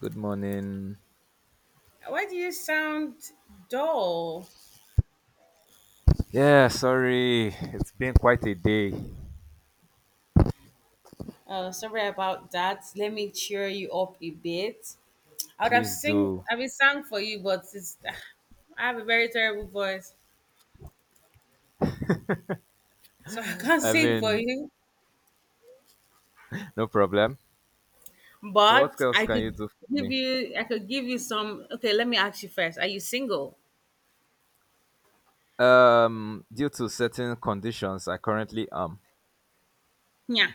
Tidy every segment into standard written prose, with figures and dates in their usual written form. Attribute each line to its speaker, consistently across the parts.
Speaker 1: Good morning.
Speaker 2: Why do you sound dull?
Speaker 1: Yeah, sorry. It's been quite a day.
Speaker 2: Oh, sorry about that. Let me cheer you up a bit.
Speaker 1: Please do.
Speaker 2: I would sang for you, but I have a very terrible voice, so I can't
Speaker 1: I
Speaker 2: sing for
Speaker 1: mean,
Speaker 2: you.
Speaker 1: no problem. So, what
Speaker 2: But
Speaker 1: else can you do for me?
Speaker 2: I could give you some. Okay, let me ask you first. Are you single?
Speaker 1: Due to certain conditions, I currently am.
Speaker 2: Yeah.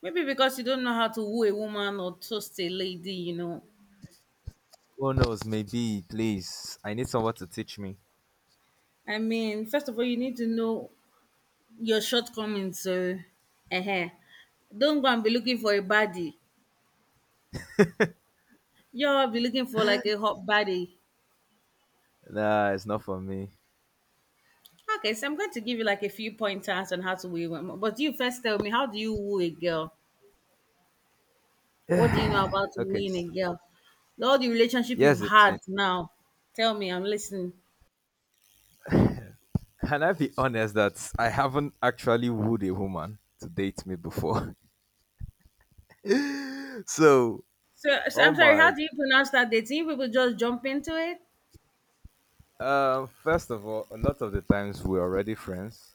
Speaker 2: Maybe because you don't know how to woo a woman or toast a lady.
Speaker 1: Who knows? Maybe, please. I need someone to teach me.
Speaker 2: I mean, first of all, you need to know your shortcomings, so um don't go and be looking for a baddie. You will be looking for like a hot baddie.
Speaker 1: Nah, it's not for me.
Speaker 2: Okay, so I'm going to give you like a few pointers on how to woo one, but you first tell me, how do you woo a girl? What do you know about
Speaker 1: Okay.
Speaker 2: wooing a girl? All the relationship
Speaker 1: Yes,
Speaker 2: you've
Speaker 1: it's
Speaker 2: had
Speaker 1: it.
Speaker 2: now, tell me. I'm listening.
Speaker 1: Can I be honest that I haven't actually wooed a woman to date me before? So,
Speaker 2: So,
Speaker 1: oh
Speaker 2: I'm sorry, how
Speaker 1: my.
Speaker 2: do you pronounce that? Dating? You people just jump into it.
Speaker 1: First of all, a lot of the times we're already friends.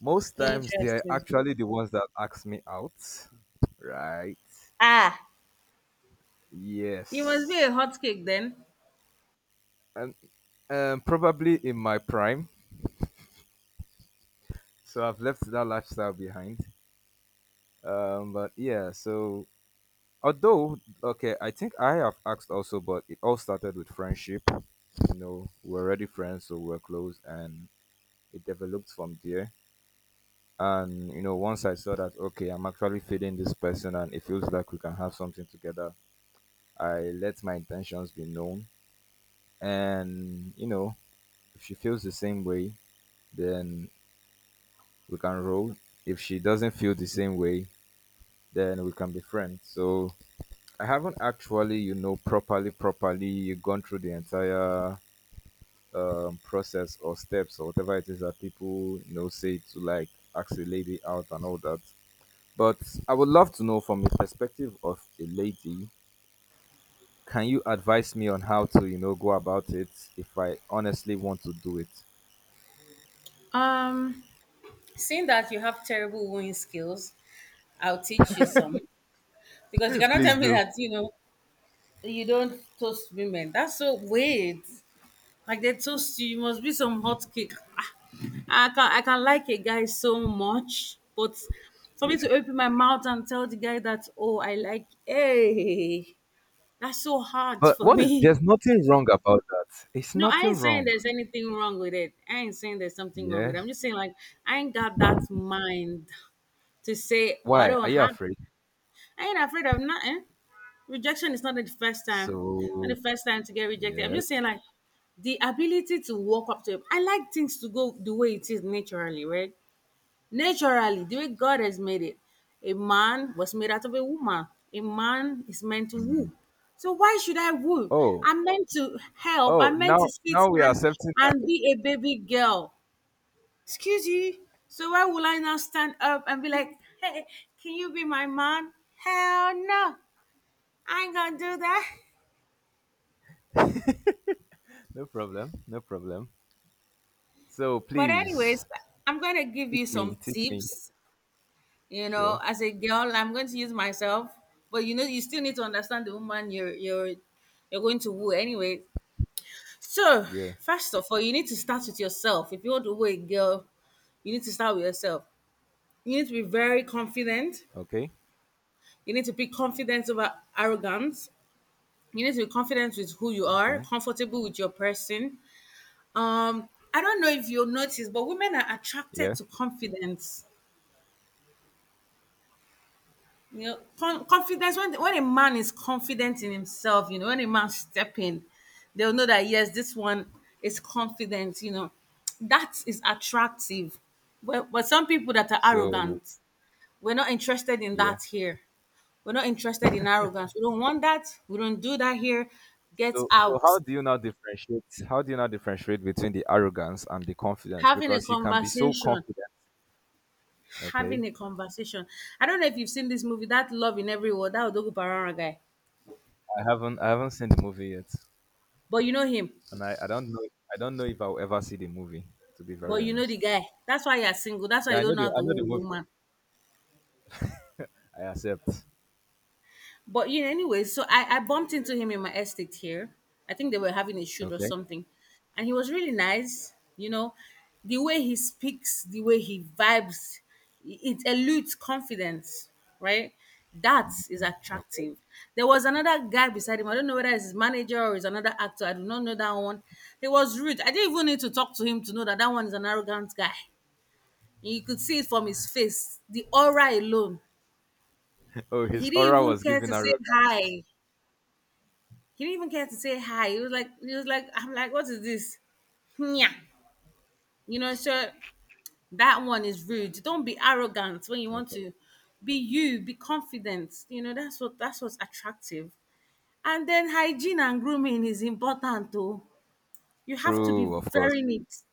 Speaker 1: Most times they are
Speaker 2: Interesting.
Speaker 1: actually the ones that ask me out, right?
Speaker 2: ah you must be a
Speaker 1: Yes,
Speaker 2: hot cake then.
Speaker 1: and probably in my prime. So I've left that lifestyle behind. But yeah, so although okay, I think I have asked also, but it all started with friendship. You know, we're already friends, so we're close, and it developed from there. And you know, once I saw that okay, I'm actually feeling this person, and it feels like we can have something together. I let my intentions be known. And, you know, if she feels the same way, then we can roll. If she doesn't feel the same way, then we can be friends. So I haven't actually, you know, properly, properly gone through the entire process or steps or whatever it is that people, you know, say to like ask a lady out and all that. But I would love to know from the perspective of a lady. Can you advise me on how to go about it if I honestly want to do it?
Speaker 2: um, Seeing that you have terrible wooing skills, I'll teach you some, because you cannot
Speaker 1: Please
Speaker 2: tell me
Speaker 1: do.
Speaker 2: that you know you don't toast women. That's so weird. Like they toast you, you must be some hot cake. I can like a guy so much, but for
Speaker 1: Yeah.
Speaker 2: me to open my mouth and tell the guy that, oh, I like, hey, that's so hard
Speaker 1: But
Speaker 2: for
Speaker 1: what is
Speaker 2: me.
Speaker 1: there's nothing wrong about that. It's
Speaker 2: No, I
Speaker 1: nothing
Speaker 2: ain't saying
Speaker 1: wrong.
Speaker 2: there's anything wrong with it. I ain't saying there's something wrong with it.
Speaker 1: Yes.
Speaker 2: I'm just saying like I ain't got that mind to say, oh, I
Speaker 1: Why? Are
Speaker 2: don't
Speaker 1: you
Speaker 2: have.
Speaker 1: afraid?
Speaker 2: I ain't afraid of nothing. Rejection is not the first time not
Speaker 1: So
Speaker 2: the first time to get rejected. I'm
Speaker 1: yes.
Speaker 2: just saying like the ability to walk up to it, I like things to go the way it is naturally, right? Naturally, the way God has made it, a man was made out of a woman. A man is meant to woo.
Speaker 1: Mm.
Speaker 2: So why should I woo?
Speaker 1: Oh.
Speaker 2: I'm meant to help.
Speaker 1: Oh,
Speaker 2: I'm meant to
Speaker 1: now
Speaker 2: sit
Speaker 1: now we are
Speaker 2: and
Speaker 1: accepting that.
Speaker 2: and be a baby girl. Excuse you. So why will I now stand up and be like, hey, can you be my man? Hell no. I ain't gonna do that.
Speaker 1: No problem. No problem. So
Speaker 2: But anyways,
Speaker 1: please
Speaker 2: I'm going to give you
Speaker 1: teach me.
Speaker 2: some
Speaker 1: Teach me.
Speaker 2: tips. You know,
Speaker 1: Sure.
Speaker 2: as a girl, I'm going to use myself, but you still need to understand the woman you're going to woo anyway. So,
Speaker 1: Yeah.
Speaker 2: first of all, you need to start with yourself. If you want to woo a girl, you need to start with yourself. You need to be very confident.
Speaker 1: Okay.
Speaker 2: You need to be confident over arrogance. You need to be confident with who you are,
Speaker 1: Okay.
Speaker 2: comfortable with your person. Um, I don't know if you'll notice, but women are attracted
Speaker 1: Yeah.
Speaker 2: to confidence. Confidence when a man is confident in himself, when a man step in, they'll know that yes, this one is confident. That is attractive. But some people that are
Speaker 1: So
Speaker 2: arrogant, we're not interested in
Speaker 1: yeah.
Speaker 2: that here. We're not interested in arrogance. We don't want that. We don't do that here. Get
Speaker 1: So
Speaker 2: out.
Speaker 1: how do you now differentiate? How do you now differentiate between the arrogance and the confidence?
Speaker 2: Having a
Speaker 1: Because you can be so
Speaker 2: conversation.
Speaker 1: confident. Okay,
Speaker 2: Having a conversation. I don't know if you've seen this movie, that Love in Every World, that Odogu Parara guy.
Speaker 1: I haven't seen the movie yet,
Speaker 2: But you know him.
Speaker 1: and I don't know if I'll ever see the movie. To be very
Speaker 2: But you know the
Speaker 1: honest,
Speaker 2: guy. That's why you're single. That's why
Speaker 1: yeah,
Speaker 2: you
Speaker 1: I know
Speaker 2: don't know
Speaker 1: the
Speaker 2: how
Speaker 1: I
Speaker 2: to
Speaker 1: know the
Speaker 2: woo a
Speaker 1: movie.
Speaker 2: woman.
Speaker 1: I accept.
Speaker 2: But anyway, so I bumped into him in my estate here. I think they were having a shoot or
Speaker 1: Okay.
Speaker 2: something. And he was really nice. The way he speaks, the way he vibes, it eludes confidence, right? That is
Speaker 1: Okay.
Speaker 2: attractive. There was another guy beside him. I don't know whether it's his manager or is another actor. I do not know that one. He was rude. I didn't even need to talk to him to know that that one is an arrogant guy. You could see it from his face, the aura alone.
Speaker 1: Oh, his
Speaker 2: He didn't
Speaker 1: aura
Speaker 2: even
Speaker 1: was
Speaker 2: care
Speaker 1: giving
Speaker 2: to say hi.
Speaker 1: arrogance.
Speaker 2: He didn't even care to say hi. He was like, I'm like, what is this? Yeah. So that one is rude. Don't be arrogant. When you want
Speaker 1: Okay.
Speaker 2: to be you, be confident. You know, that's what's attractive. And then hygiene and grooming is important too. You have to be
Speaker 1: True, of course.
Speaker 2: very neat.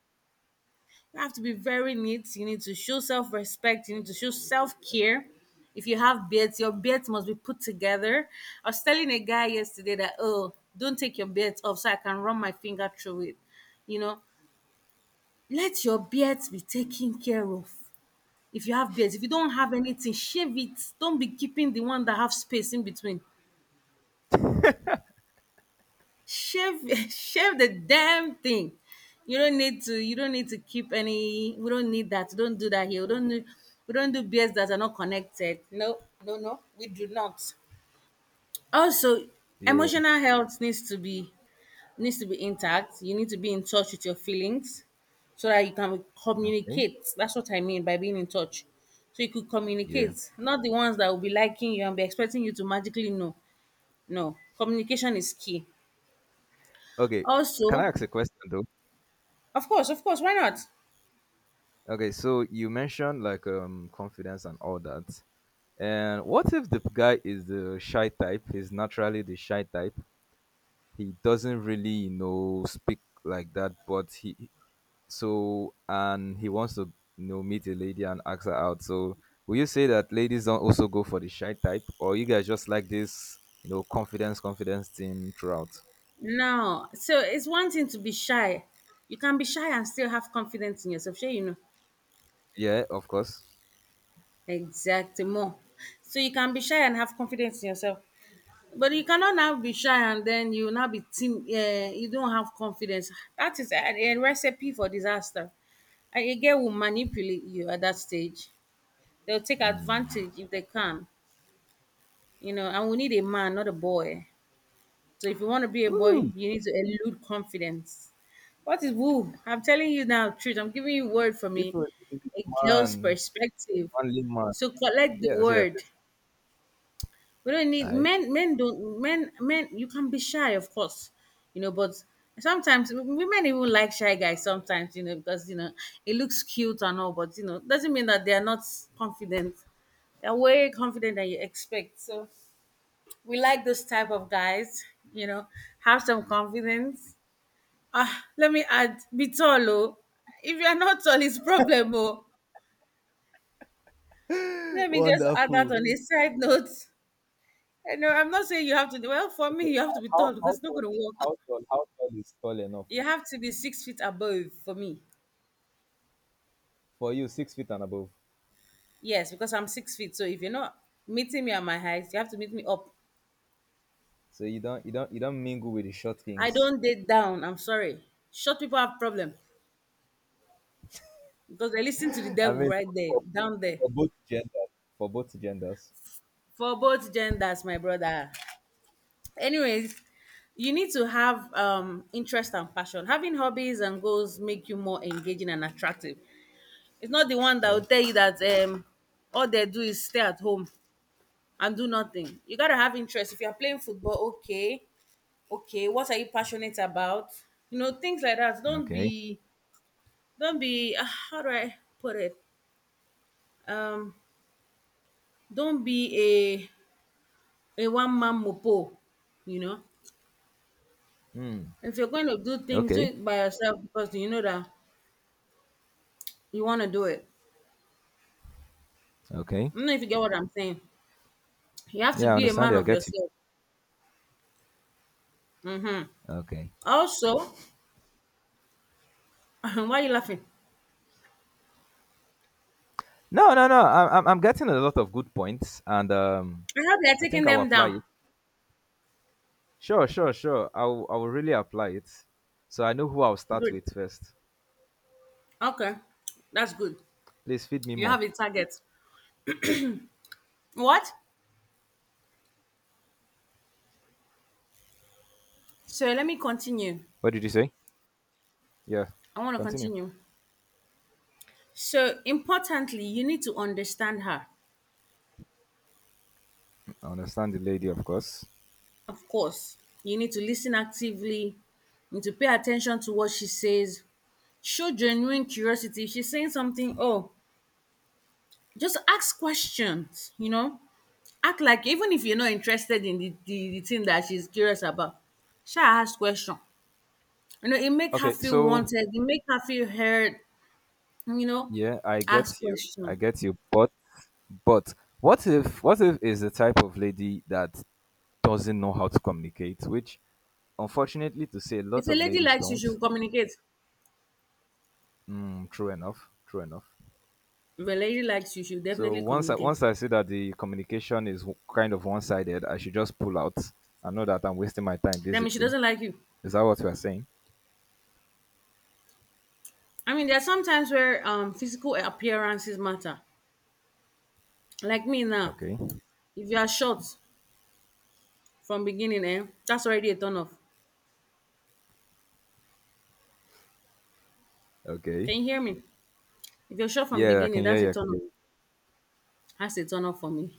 Speaker 2: You have to be very neat. You need to show self respect. You need to show self care. If you have beards, your beards must be put together. I was telling a guy yesterday that, oh, don't take your beards off so I can run my finger through it. You know, Let your beards be taken care of. If you have beards, if you don't have anything, shave it. Don't be keeping the one that have space in between. Shave shave the damn thing. You don't need to keep any. We don't need that. Don't do that here. We don't do beards that are not connected. No, no, no, we do not. Also,
Speaker 1: Yeah.
Speaker 2: emotional health needs to be intact. You need to be in touch with your feelings so that you can
Speaker 1: Okay.
Speaker 2: communicate. That's what I mean by being in touch, so you could
Speaker 1: Yeah.
Speaker 2: communicate. Not the ones that will be liking you and be expecting you to magically know. No, communication is key.
Speaker 1: Okay. Can I
Speaker 2: Also,
Speaker 1: ask a question though?
Speaker 2: of course, of course. Why not?
Speaker 1: Okay, so you mentioned like confidence and all that. And what if the guy is the shy type? He's naturally the shy type. He doesn't really speak like that, but he so and he wants to meet a lady and ask her out. So will you say that ladies don't also go for the shy type, or you guys just like this, confidence, confidence thing throughout?
Speaker 2: No, so it's one thing to be shy. You can be shy and still have confidence in yourself. Sure.
Speaker 1: Yeah, of course.
Speaker 2: Exactly more. So you can be shy and have confidence in yourself. But you cannot now be shy, and then you now be team, you don't have confidence. That is a recipe for disaster. And a girl will manipulate you at that stage. They'll take
Speaker 1: Mm.
Speaker 2: advantage if they can. And we need a man, not a boy. So if you want to be a boy,
Speaker 1: Ooh,
Speaker 2: you need to elude confidence. What is woo? I'm telling you now, truth. I'm giving you word for
Speaker 1: if
Speaker 2: me.
Speaker 1: a if a
Speaker 2: A girl's
Speaker 1: man,
Speaker 2: perspective.
Speaker 1: only man.
Speaker 2: So collect the
Speaker 1: Yes, yes.
Speaker 2: word. We don't
Speaker 1: All
Speaker 2: need
Speaker 1: right.
Speaker 2: men. Men don't. Men. Men. You can be shy, of course. But sometimes women even like shy guys. Sometimes because it looks cute and all, but doesn't mean that they are not confident. They're way confident than you expect. So we like those type of guys. You know, have some confidence. Let me add, be tall, oh. If you are not tall, it's problem, oh. Let me just add that
Speaker 1: Wonderful.
Speaker 2: on a side note. I know I'm not saying you have to. Well, for
Speaker 1: Okay.
Speaker 2: me, you have
Speaker 1: How
Speaker 2: to be
Speaker 1: how
Speaker 2: tall
Speaker 1: how
Speaker 2: because it's not
Speaker 1: tall
Speaker 2: going to work.
Speaker 1: how tall how tall is tall enough
Speaker 2: You have to be 6 feet above for me.
Speaker 1: for you? 6 feet and above.
Speaker 2: Yes, because I'm 6 feet. So if you're not meeting me at my height, you have to meet me up.
Speaker 1: So you don't mingle with the short
Speaker 2: I
Speaker 1: kings.
Speaker 2: don't date down. I'm sorry. Short people have problem because they listen to the
Speaker 1: I
Speaker 2: devil
Speaker 1: mean,
Speaker 2: right there,
Speaker 1: for,
Speaker 2: down there.
Speaker 1: for both genders, for both genders.
Speaker 2: For both genders, my brother. Anyways, you need to have interest and passion. Having hobbies and goals make you more engaging and attractive. It's not the one that
Speaker 1: Yeah.
Speaker 2: will tell you that all they do is stay at home and do nothing. You gotta have interest. If you're playing football, okay, okay. What are you passionate about? You know things like that. Don't
Speaker 1: Okay.
Speaker 2: be, don't be. Ah, How do I put it? Um, don't be a one man mopo. You know,
Speaker 1: Hmm.
Speaker 2: if you're going to do things, do
Speaker 1: Okay.
Speaker 2: it by yourself because you know that you want to do it.
Speaker 1: Okay.
Speaker 2: I don't know if you get what I'm saying. You have to
Speaker 1: Yeah, I
Speaker 2: be a
Speaker 1: understand
Speaker 2: man
Speaker 1: you. I
Speaker 2: of
Speaker 1: get you.
Speaker 2: yourself. Hmm.
Speaker 1: Okay.
Speaker 2: Also, why are you laughing?
Speaker 1: No, no, no. I'm getting a lot of good points, and
Speaker 2: I hope you're
Speaker 1: I think
Speaker 2: taking
Speaker 1: I'll
Speaker 2: them
Speaker 1: apply
Speaker 2: down.
Speaker 1: it. Sure, sure, sure. I'll really apply it. So I know who I'll start
Speaker 2: Good.
Speaker 1: with first.
Speaker 2: Okay. That's good.
Speaker 1: Please feed me
Speaker 2: You
Speaker 1: more.
Speaker 2: have a target. What? So let me continue.
Speaker 1: What did you say? Yeah.
Speaker 2: I want to
Speaker 1: Continue.
Speaker 2: continue. So, importantly, you need to understand her.
Speaker 1: I understand the lady, of course.
Speaker 2: Of course, you need to listen actively, you need to pay attention to what she says, show genuine curiosity. If she's saying something, oh, just ask questions. Act like even if you're not interested in the thing that she's curious about, she ask question. It make her
Speaker 1: Okay,
Speaker 2: feel
Speaker 1: so
Speaker 2: wanted, it make her feel heard, you know.
Speaker 1: yeah, I
Speaker 2: Ask
Speaker 1: get you. I
Speaker 2: question.
Speaker 1: get you. But what if is the type of lady that doesn't know how to communicate, which unfortunately to say a
Speaker 2: If
Speaker 1: lot
Speaker 2: a
Speaker 1: of
Speaker 2: lady
Speaker 1: ladies
Speaker 2: likes you,
Speaker 1: don't.
Speaker 2: she'll communicate.
Speaker 1: Mm, true enough. True enough.
Speaker 2: If a lady likes you, she'll
Speaker 1: So
Speaker 2: definitely
Speaker 1: once I
Speaker 2: communicate.
Speaker 1: once I see that the communication is kind of one-sided, I should just pull out. I know that I'm wasting my time
Speaker 2: That means she
Speaker 1: basically.
Speaker 2: doesn't like you.
Speaker 1: Is that what you are saying?
Speaker 2: I mean, there are some times where physical appearances matter. Like me now,
Speaker 1: Okay.
Speaker 2: if you are short from beginning, eh, that's already a turn off.
Speaker 1: Okay.
Speaker 2: Can you hear me? If you're short from
Speaker 1: Yeah, I can
Speaker 2: beginning,
Speaker 1: hear
Speaker 2: that's a
Speaker 1: you. I can
Speaker 2: turn
Speaker 1: hear
Speaker 2: off.
Speaker 1: you.
Speaker 2: That's a turn off for me.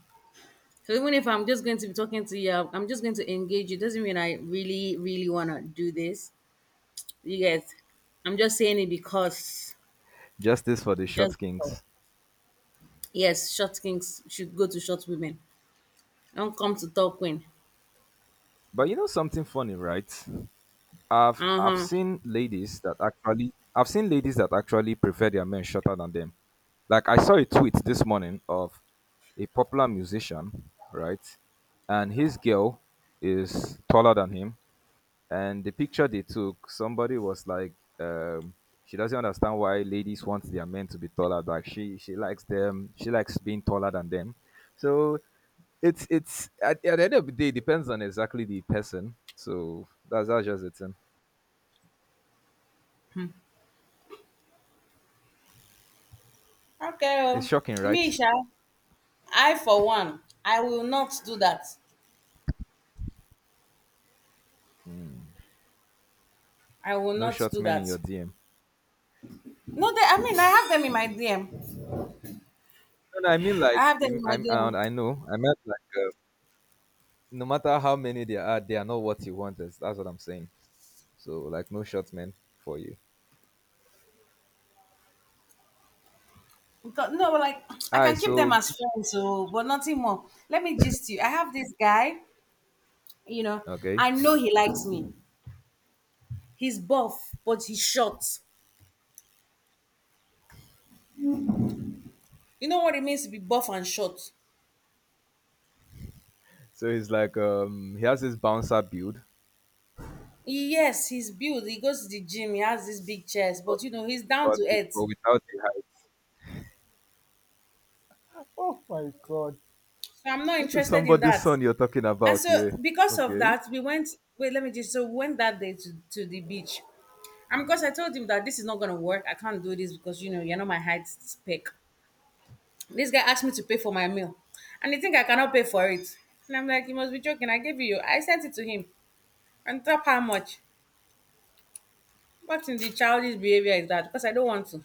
Speaker 2: So even if I'm just going to be talking to you, I'm just going to engage you. Doesn't mean I really, really wanna do this. You guys, I'm just saying it because,
Speaker 1: Justice for the short
Speaker 2: just because.
Speaker 1: kings.
Speaker 2: Yes, short kings should go to short women. Don't come to talk queen.
Speaker 1: But you know something funny, right? I've
Speaker 2: Uh
Speaker 1: I've
Speaker 2: huh.
Speaker 1: seen ladies that actually prefer their men shorter than them. Like I saw a tweet this morning of a popular musician, right? And his girl is taller than him, and the picture they took, somebody was like, um, she doesn't understand why ladies want their men to be taller. Like she likes them, she likes being taller than them. So it's at the end of the day, it depends on exactly the person. So that's just it thing.
Speaker 2: Okay,
Speaker 1: It's
Speaker 2: oh.
Speaker 1: shocking,
Speaker 2: Me,
Speaker 1: right?
Speaker 2: sha, I for one, I will not do that.
Speaker 1: Mm.
Speaker 2: I will
Speaker 1: No
Speaker 2: not
Speaker 1: short
Speaker 2: do
Speaker 1: men in your
Speaker 2: that.
Speaker 1: DM.
Speaker 2: No, they, I mean, I have them in my DM.
Speaker 1: No, no, I mean like
Speaker 2: I have them in
Speaker 1: you, I,
Speaker 2: my
Speaker 1: I
Speaker 2: DM.
Speaker 1: I know. I meant like no matter how many there are, they are not what you want. That's what I'm saying. So like no short men for you.
Speaker 2: Because, no, like
Speaker 1: All
Speaker 2: I
Speaker 1: right.
Speaker 2: can keep them
Speaker 1: So
Speaker 2: as friends, so but nothing more. Let me gist you. I have this guy, you know,
Speaker 1: okay.
Speaker 2: I know he likes me. He's buff, but he's short. You know what it means to be buff and short?
Speaker 1: So he's like, he has this bouncer build,
Speaker 2: Yes, he's built. He goes to the gym. He has this big chest,
Speaker 1: but,
Speaker 2: but he's down
Speaker 1: but,
Speaker 2: to
Speaker 1: but
Speaker 2: earth.
Speaker 1: without the height. Oh my god.
Speaker 2: So I'm not
Speaker 1: This is
Speaker 2: interested in
Speaker 1: somebody's
Speaker 2: that.
Speaker 1: son you're talking
Speaker 2: And
Speaker 1: about,
Speaker 2: so
Speaker 1: yeah.
Speaker 2: because of
Speaker 1: Okay.
Speaker 2: that, we went. Wait, let me just. So we went that day to the beach. And because I told him that this is not gonna work, I can't do this because you know you're not my height spec. This guy asked me to pay for my meal. And you think I cannot pay for it. And I'm like, you must be joking. I gave you. Your-" I sent it to him. And top how much? What in the childish behavior is that? Because I don't want to.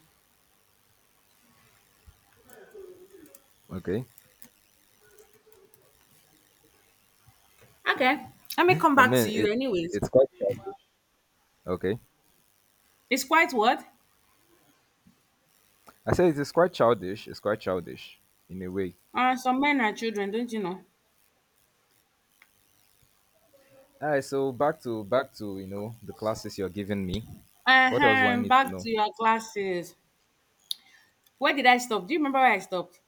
Speaker 1: Okay.
Speaker 2: Okay. Let me come
Speaker 1: I
Speaker 2: back to
Speaker 1: mean,
Speaker 2: you
Speaker 1: it
Speaker 2: anyways.
Speaker 1: it's quite childish. Okay.
Speaker 2: It's quite what?
Speaker 1: I said it is quite childish. It's quite childish in a way.
Speaker 2: Some men are children, don't you know?
Speaker 1: All right. So back to you know the classes you're giving me. What else do I
Speaker 2: Uh-huh.
Speaker 1: need to
Speaker 2: Back
Speaker 1: know?
Speaker 2: to your classes. Where did I stop? Do you remember where I stopped?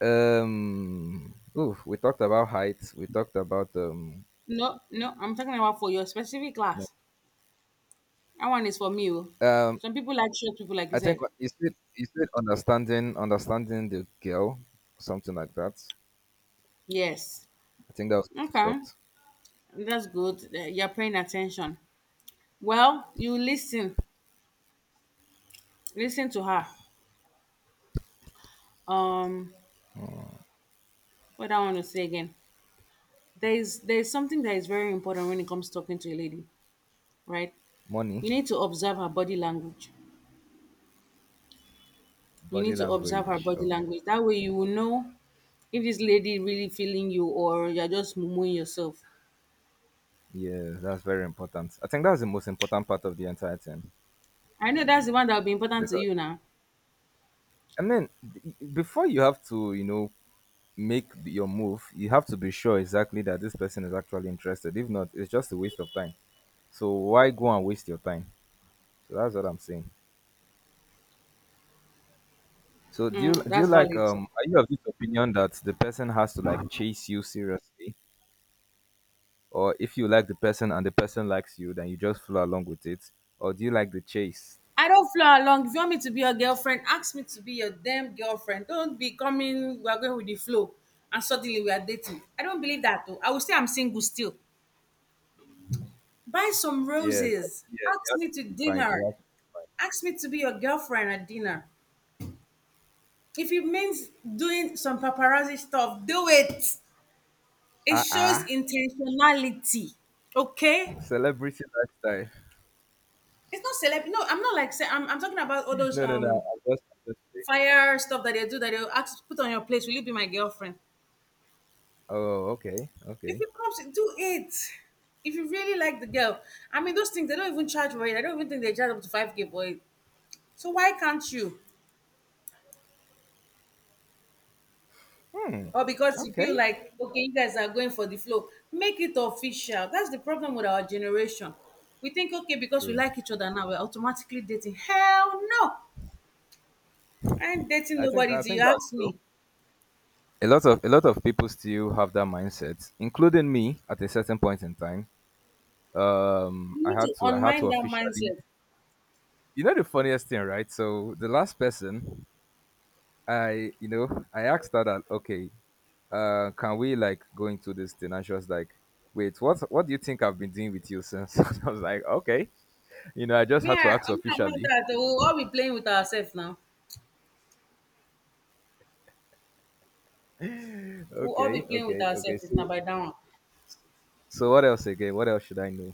Speaker 1: Ooh, we talked about height. We talked about.
Speaker 2: No, no, I'm talking about for your specific class. That one is for me. Oh.
Speaker 1: Um.
Speaker 2: Some people like short people, like you
Speaker 1: I think
Speaker 2: said.
Speaker 1: is it understanding the girl, something like that.
Speaker 2: Yes.
Speaker 1: I think that was
Speaker 2: Okay.
Speaker 1: stopped.
Speaker 2: That's good. You're paying attention. Well, you listen, listen to her. Um, what I want to say again, there is something that is very important when it comes to talking to a lady, right?
Speaker 1: Money.
Speaker 2: You need to observe her body language. You
Speaker 1: Body
Speaker 2: need to observe her
Speaker 1: language.
Speaker 2: body
Speaker 1: Okay.
Speaker 2: language. That way, you will know if this lady really feeling you or you're just mooing yourself.
Speaker 1: Yeah, that's very important. I think that's the most important part of the entire thing
Speaker 2: I know that's the one that will be important to
Speaker 1: because
Speaker 2: you now.
Speaker 1: I mean, before you have to, you know, make your move, you have to be sure exactly that this person is actually interested. If not, it's just a waste of time. So why go and waste your time? So that's what I'm saying. So do you
Speaker 2: Mm,
Speaker 1: do you
Speaker 2: that's
Speaker 1: like,
Speaker 2: valid. So.
Speaker 1: are you of this opinion that the person has to like chase you seriously? Or if you like the person and the person likes you, then you just follow along with it. Or do you like the chase?
Speaker 2: I don't flow along. If you want me to be your girlfriend, ask me to be your damn girlfriend. Don't be coming, we are going with the flow, and suddenly we are dating. I don't believe that though. I will say I'm single still. Buy some
Speaker 1: Yeah,
Speaker 2: roses.
Speaker 1: yeah, it
Speaker 2: Ask
Speaker 1: has
Speaker 2: me to
Speaker 1: to be fine. It
Speaker 2: dinner.
Speaker 1: has to be fine.
Speaker 2: Ask me to be your girlfriend at dinner. If it means doing some paparazzi stuff, do it. It
Speaker 1: Uh
Speaker 2: shows
Speaker 1: uh
Speaker 2: intentionality. Okay?
Speaker 1: Celebrity lifestyle.
Speaker 2: It's not celeb. No, I'm not like ce- I'm talking about all those
Speaker 1: No, no, no. I'm just saying.
Speaker 2: fire stuff that they do that they'll ask put on your place. Will you be my girlfriend?
Speaker 1: Oh, okay,
Speaker 2: If
Speaker 1: okay.
Speaker 2: it comes, do it. If you really like the girl, I mean, those things they don't even charge for it. I don't even think they charge up to 5K for it. So why can't you?
Speaker 1: Hmm.
Speaker 2: Or because you feel
Speaker 1: Okay.
Speaker 2: like okay, you guys are going for the flow, make it official. That's the problem with our generation. We think okay because we
Speaker 1: True.
Speaker 2: like each other now, we're automatically dating. Hell no, I ain't dating
Speaker 1: I think
Speaker 2: nobody.
Speaker 1: I
Speaker 2: Do you
Speaker 1: think that's
Speaker 2: ask
Speaker 1: true.
Speaker 2: me?
Speaker 1: A lot of people still have that mindset, including me at a certain point in time. Um,
Speaker 2: You
Speaker 1: I
Speaker 2: need
Speaker 1: had
Speaker 2: to
Speaker 1: to I had to
Speaker 2: unmind that
Speaker 1: officially.
Speaker 2: mindset.
Speaker 1: You know the funniest thing, right? So the last person I, you know, I asked her that, okay, can we like go into this thing? And she was like, wait, what do you think I've been doing with you since? I was like, okay, I just
Speaker 2: Me,
Speaker 1: had
Speaker 2: I,
Speaker 1: to ask
Speaker 2: I'm not, I'm not
Speaker 1: officially.
Speaker 2: that. We'll all be playing with ourselves now. We'll all be
Speaker 1: Okay,
Speaker 2: playing with
Speaker 1: okay, okay.
Speaker 2: ourselves if not
Speaker 1: So,
Speaker 2: by that one.
Speaker 1: so what else again? What else should I know?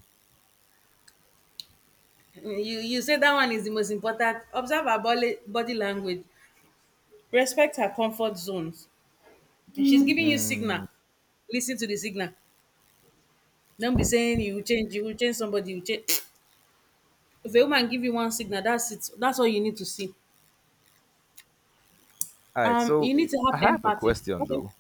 Speaker 2: You you say that one is the most important. Observe her body language. Respect her comfort zones. If she's giving you signal,
Speaker 1: Mm,
Speaker 2: listen to the signal. Don't be saying you will change somebody, you will change. If a woman give you one signal, that's it. That's all you need to see.
Speaker 1: all right. So
Speaker 2: You need to
Speaker 1: I
Speaker 2: have
Speaker 1: have a
Speaker 2: empathy.
Speaker 1: question
Speaker 2: Okay.
Speaker 1: though.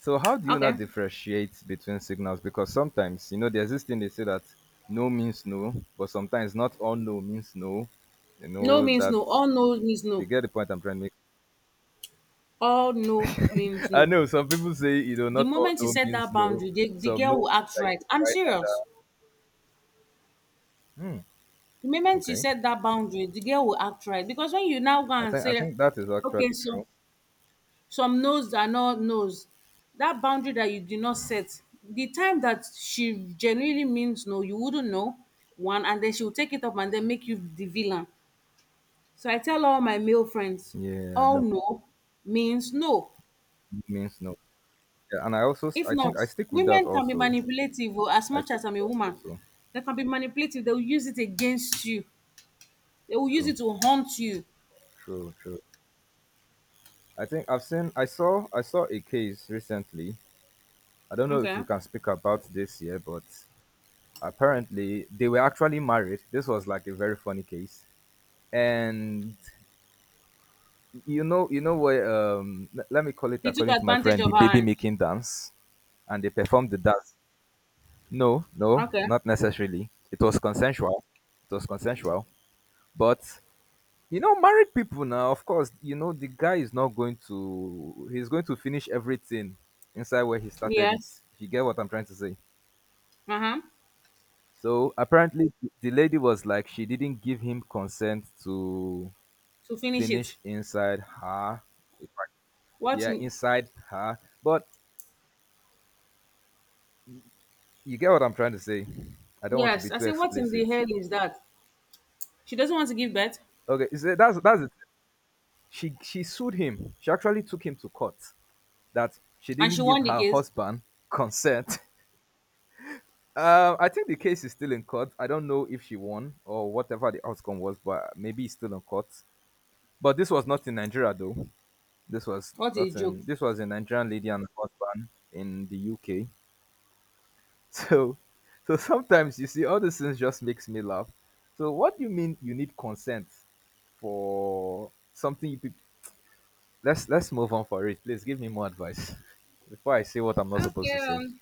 Speaker 1: So how do you now
Speaker 2: Okay.
Speaker 1: differentiate between signals? Because sometimes, there's this thing they say that no means no, but sometimes not all no means no. You
Speaker 2: No
Speaker 1: know
Speaker 2: means
Speaker 1: that
Speaker 2: no. All no
Speaker 1: if
Speaker 2: means
Speaker 1: you
Speaker 2: no.
Speaker 1: get the point I'm trying to make.
Speaker 2: All no means
Speaker 1: I
Speaker 2: no.
Speaker 1: know some people say, you know,
Speaker 2: The
Speaker 1: not all
Speaker 2: moment you
Speaker 1: no
Speaker 2: set
Speaker 1: means
Speaker 2: that
Speaker 1: no.
Speaker 2: boundary, the
Speaker 1: Some no
Speaker 2: girl will
Speaker 1: means
Speaker 2: act
Speaker 1: that
Speaker 2: right.
Speaker 1: you
Speaker 2: I'm serious.
Speaker 1: try harder. Hmm.
Speaker 2: The moment you
Speaker 1: Okay.
Speaker 2: set that boundary, the girl will act right because when you now go
Speaker 1: I
Speaker 2: and
Speaker 1: think I
Speaker 2: say,
Speaker 1: think that is
Speaker 2: okay,
Speaker 1: actually
Speaker 2: so
Speaker 1: true.
Speaker 2: some no's are not no's, that boundary that you did not set, the time that she genuinely means no, you wouldn't know one, and then she will take it up and then make you the villain. So I tell all my male friends,
Speaker 1: Yeah,
Speaker 2: all
Speaker 1: that
Speaker 2: no means no.
Speaker 1: no means no. Yeah, and I also
Speaker 2: If
Speaker 1: I think
Speaker 2: not,
Speaker 1: I stick with that
Speaker 2: women can be
Speaker 1: also.
Speaker 2: manipulative oh, as
Speaker 1: I
Speaker 2: much
Speaker 1: stick
Speaker 2: as
Speaker 1: with
Speaker 2: I'm a
Speaker 1: that
Speaker 2: woman.
Speaker 1: also.
Speaker 2: They can be manipulative. They will use it against you. They will use
Speaker 1: True.
Speaker 2: it to haunt you.
Speaker 1: True. True. I think I saw a case recently. I don't know if
Speaker 2: Okay.
Speaker 1: we can speak about this here, but apparently they were actually married. This was like a very funny case. And you know what, let me call it,
Speaker 2: He took
Speaker 1: according to my
Speaker 2: advantage
Speaker 1: friend,
Speaker 2: of
Speaker 1: the
Speaker 2: her.
Speaker 1: baby
Speaker 2: And,
Speaker 1: making dance, and they performed the dance. No, no,
Speaker 2: okay.
Speaker 1: not necessarily, it was consensual. It was consensual, but you know married people now, of course you know the guy is not going to, he's going to finish everything inside where he started it,
Speaker 2: Yes.
Speaker 1: if you get what I'm trying to say.
Speaker 2: Uh huh.
Speaker 1: So apparently the lady was like she didn't give him consent to
Speaker 2: To finish it.
Speaker 1: finish inside her. If I-
Speaker 2: What?
Speaker 1: yeah
Speaker 2: In,
Speaker 1: inside her, but you get what I'm trying to say. I don't want to be
Speaker 2: yes. I
Speaker 1: too
Speaker 2: say, what in the
Speaker 1: explicit.
Speaker 2: hell is that? She doesn't want to give birth,
Speaker 1: Okay, is it, that's it. She sued him. She actually took him to court that she
Speaker 2: and she
Speaker 1: didn't give
Speaker 2: won the
Speaker 1: her
Speaker 2: case.
Speaker 1: husband consent. I think the case is still in court. I don't know if she won or whatever the outcome was, but maybe it's still in court. But this was not in Nigeria though. This was
Speaker 2: What a
Speaker 1: not
Speaker 2: joke.
Speaker 1: in, this was a Nigerian lady and her husband in the UK. So so sometimes you see all these things just makes me laugh. So what do you mean you need consent for something you let's move on for it, please give me more advice. Before I say what I'm not supposed
Speaker 2: Okay.
Speaker 1: to say.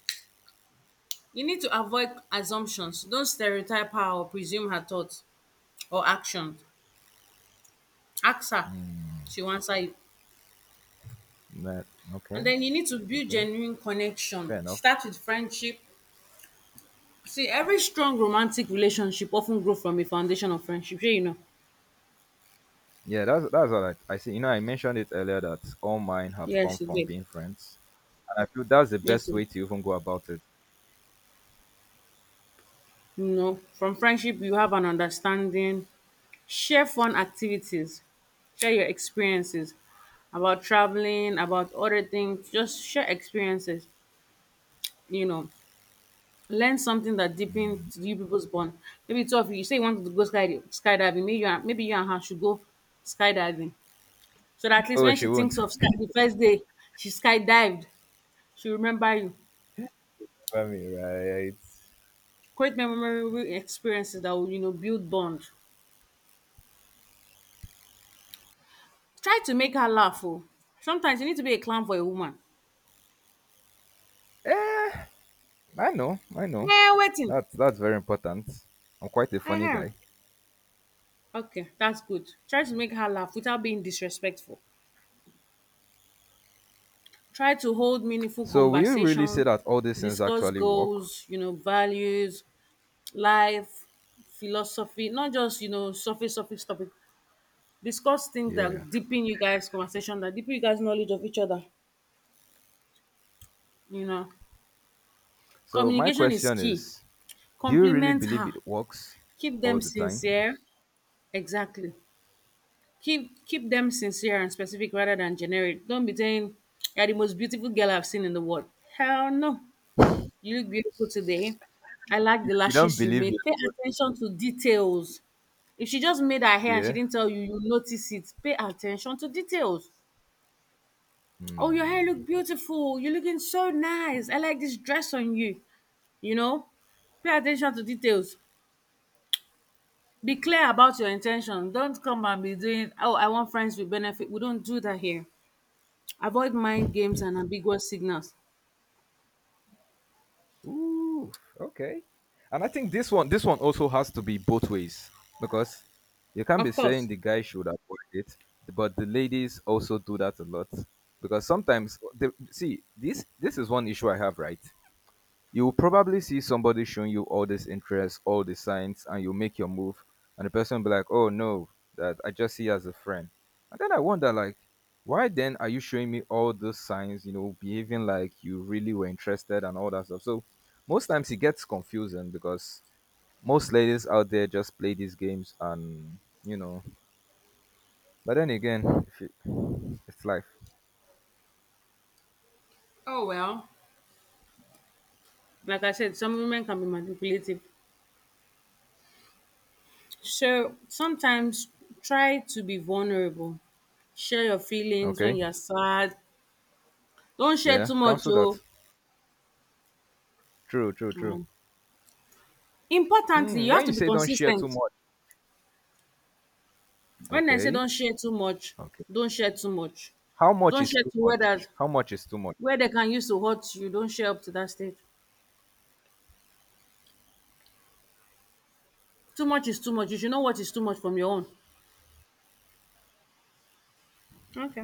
Speaker 2: You need to avoid assumptions. Don't stereotype her or presume her thoughts or actions. Ask her.
Speaker 1: Mm,
Speaker 2: She will answer you.
Speaker 1: that,
Speaker 2: And
Speaker 1: okay,
Speaker 2: then you need to build
Speaker 1: okay,
Speaker 2: genuine
Speaker 1: fair
Speaker 2: connection.
Speaker 1: enough.
Speaker 2: Start with friendship. See, every strong romantic relationship often grow from a foundation of friendship. Sure, you know.
Speaker 1: Yeah, that's all. I see, you know I mentioned it earlier that all mine have come
Speaker 2: Yes, you
Speaker 1: from
Speaker 2: did.
Speaker 1: being friends, and I feel that's the
Speaker 2: Yes,
Speaker 1: best
Speaker 2: so,
Speaker 1: way to even go about it.
Speaker 2: you know, from friendship, you have an understanding. Share fun activities. Share your experiences about traveling, about other things. Just share experiences. You know, learn something that deepens you people's bond. Maybe two of you, you say you want to go skydiving. Maybe you and her should go skydiving. So that at least
Speaker 1: Oh,
Speaker 2: when
Speaker 1: she
Speaker 2: she
Speaker 1: won't
Speaker 2: thinks of sky, the first day she skydived, she remember you.
Speaker 1: remember me, right?
Speaker 2: Create memorable experiences that will you know build bond. Try to make her laugh oh. Sometimes you need to be a clown for a woman.
Speaker 1: eh, I know,
Speaker 2: Wetin
Speaker 1: that's very important. I'm quite a funny
Speaker 2: um
Speaker 1: guy.
Speaker 2: okay, that's good. Try to make her laugh without being disrespectful. Try to hold meaningful
Speaker 1: So will you really say
Speaker 2: conversation,
Speaker 1: that all these things
Speaker 2: discuss
Speaker 1: actually work?
Speaker 2: goals, you know, values, life, philosophy, not just, you know, surface topic. Discuss things
Speaker 1: Yeah,
Speaker 2: that deepen you guys conversation, that deepen you guys knowledge of each other, you know.
Speaker 1: so my
Speaker 2: Communication is
Speaker 1: question
Speaker 2: key.
Speaker 1: is: Do you really
Speaker 2: Compliment
Speaker 1: believe
Speaker 2: her.
Speaker 1: it works
Speaker 2: Keep
Speaker 1: all
Speaker 2: them
Speaker 1: the time?
Speaker 2: sincere. Exactly. Keep them sincere and specific rather than generic. Don't be saying you're the most beautiful girl I've seen in the world. Hell no. You look beautiful today. I like
Speaker 1: You,
Speaker 2: the
Speaker 1: you don't
Speaker 2: lashes you
Speaker 1: believe it,
Speaker 2: made. Pay
Speaker 1: but
Speaker 2: attention to details. If she just made her hair and she
Speaker 1: yeah.
Speaker 2: didn't tell you, you notice it. Pay attention to details. Oh, your hair
Speaker 1: Hmm.
Speaker 2: look beautiful. You're looking so nice. I like this dress on you. You know, pay attention to details. Be clear about your intention. Don't come and be doing, oh, I want friends with benefit. We don't do that here. Avoid mind games and ambiguous signals.
Speaker 1: Ooh, okay. And I think this one also has to be both ways because you can't be
Speaker 2: Of
Speaker 1: saying
Speaker 2: course,
Speaker 1: the guy should avoid it, but the ladies also do that a lot because sometimes, see, this is one issue I have, right? You'll probably see somebody showing you all this interest, all the signs, and you make your move, and the person will be like, "Oh no, that I just see you as a friend." And then I wonder, like, why then are you showing me all those signs? You know, behaving like you really were interested and all that stuff. So most times it gets confusing because most ladies out there just play these games, and you know. But then again, if you- it's life.
Speaker 2: oh well. Like I said, some women can be manipulative. So sometimes try to be vulnerable. Share your feelings when
Speaker 1: Okay,
Speaker 2: you're sad. Don't share
Speaker 1: yeah,
Speaker 2: too much.
Speaker 1: cancel that.
Speaker 2: Oh.
Speaker 1: True, true, true.
Speaker 2: Um, importantly,
Speaker 1: Hmm,
Speaker 2: you have
Speaker 1: when you
Speaker 2: to be
Speaker 1: say don't share too
Speaker 2: consistent.
Speaker 1: much,
Speaker 2: When I say
Speaker 1: okay,
Speaker 2: don't share too much,
Speaker 1: okay.
Speaker 2: don't share too much.
Speaker 1: How much
Speaker 2: Don't
Speaker 1: is
Speaker 2: share
Speaker 1: too
Speaker 2: to where that
Speaker 1: much? How much is too much?
Speaker 2: where they can use to hurt you. Don't share up to that stage. Too much is too much. You should know what is too much from your own. Okay.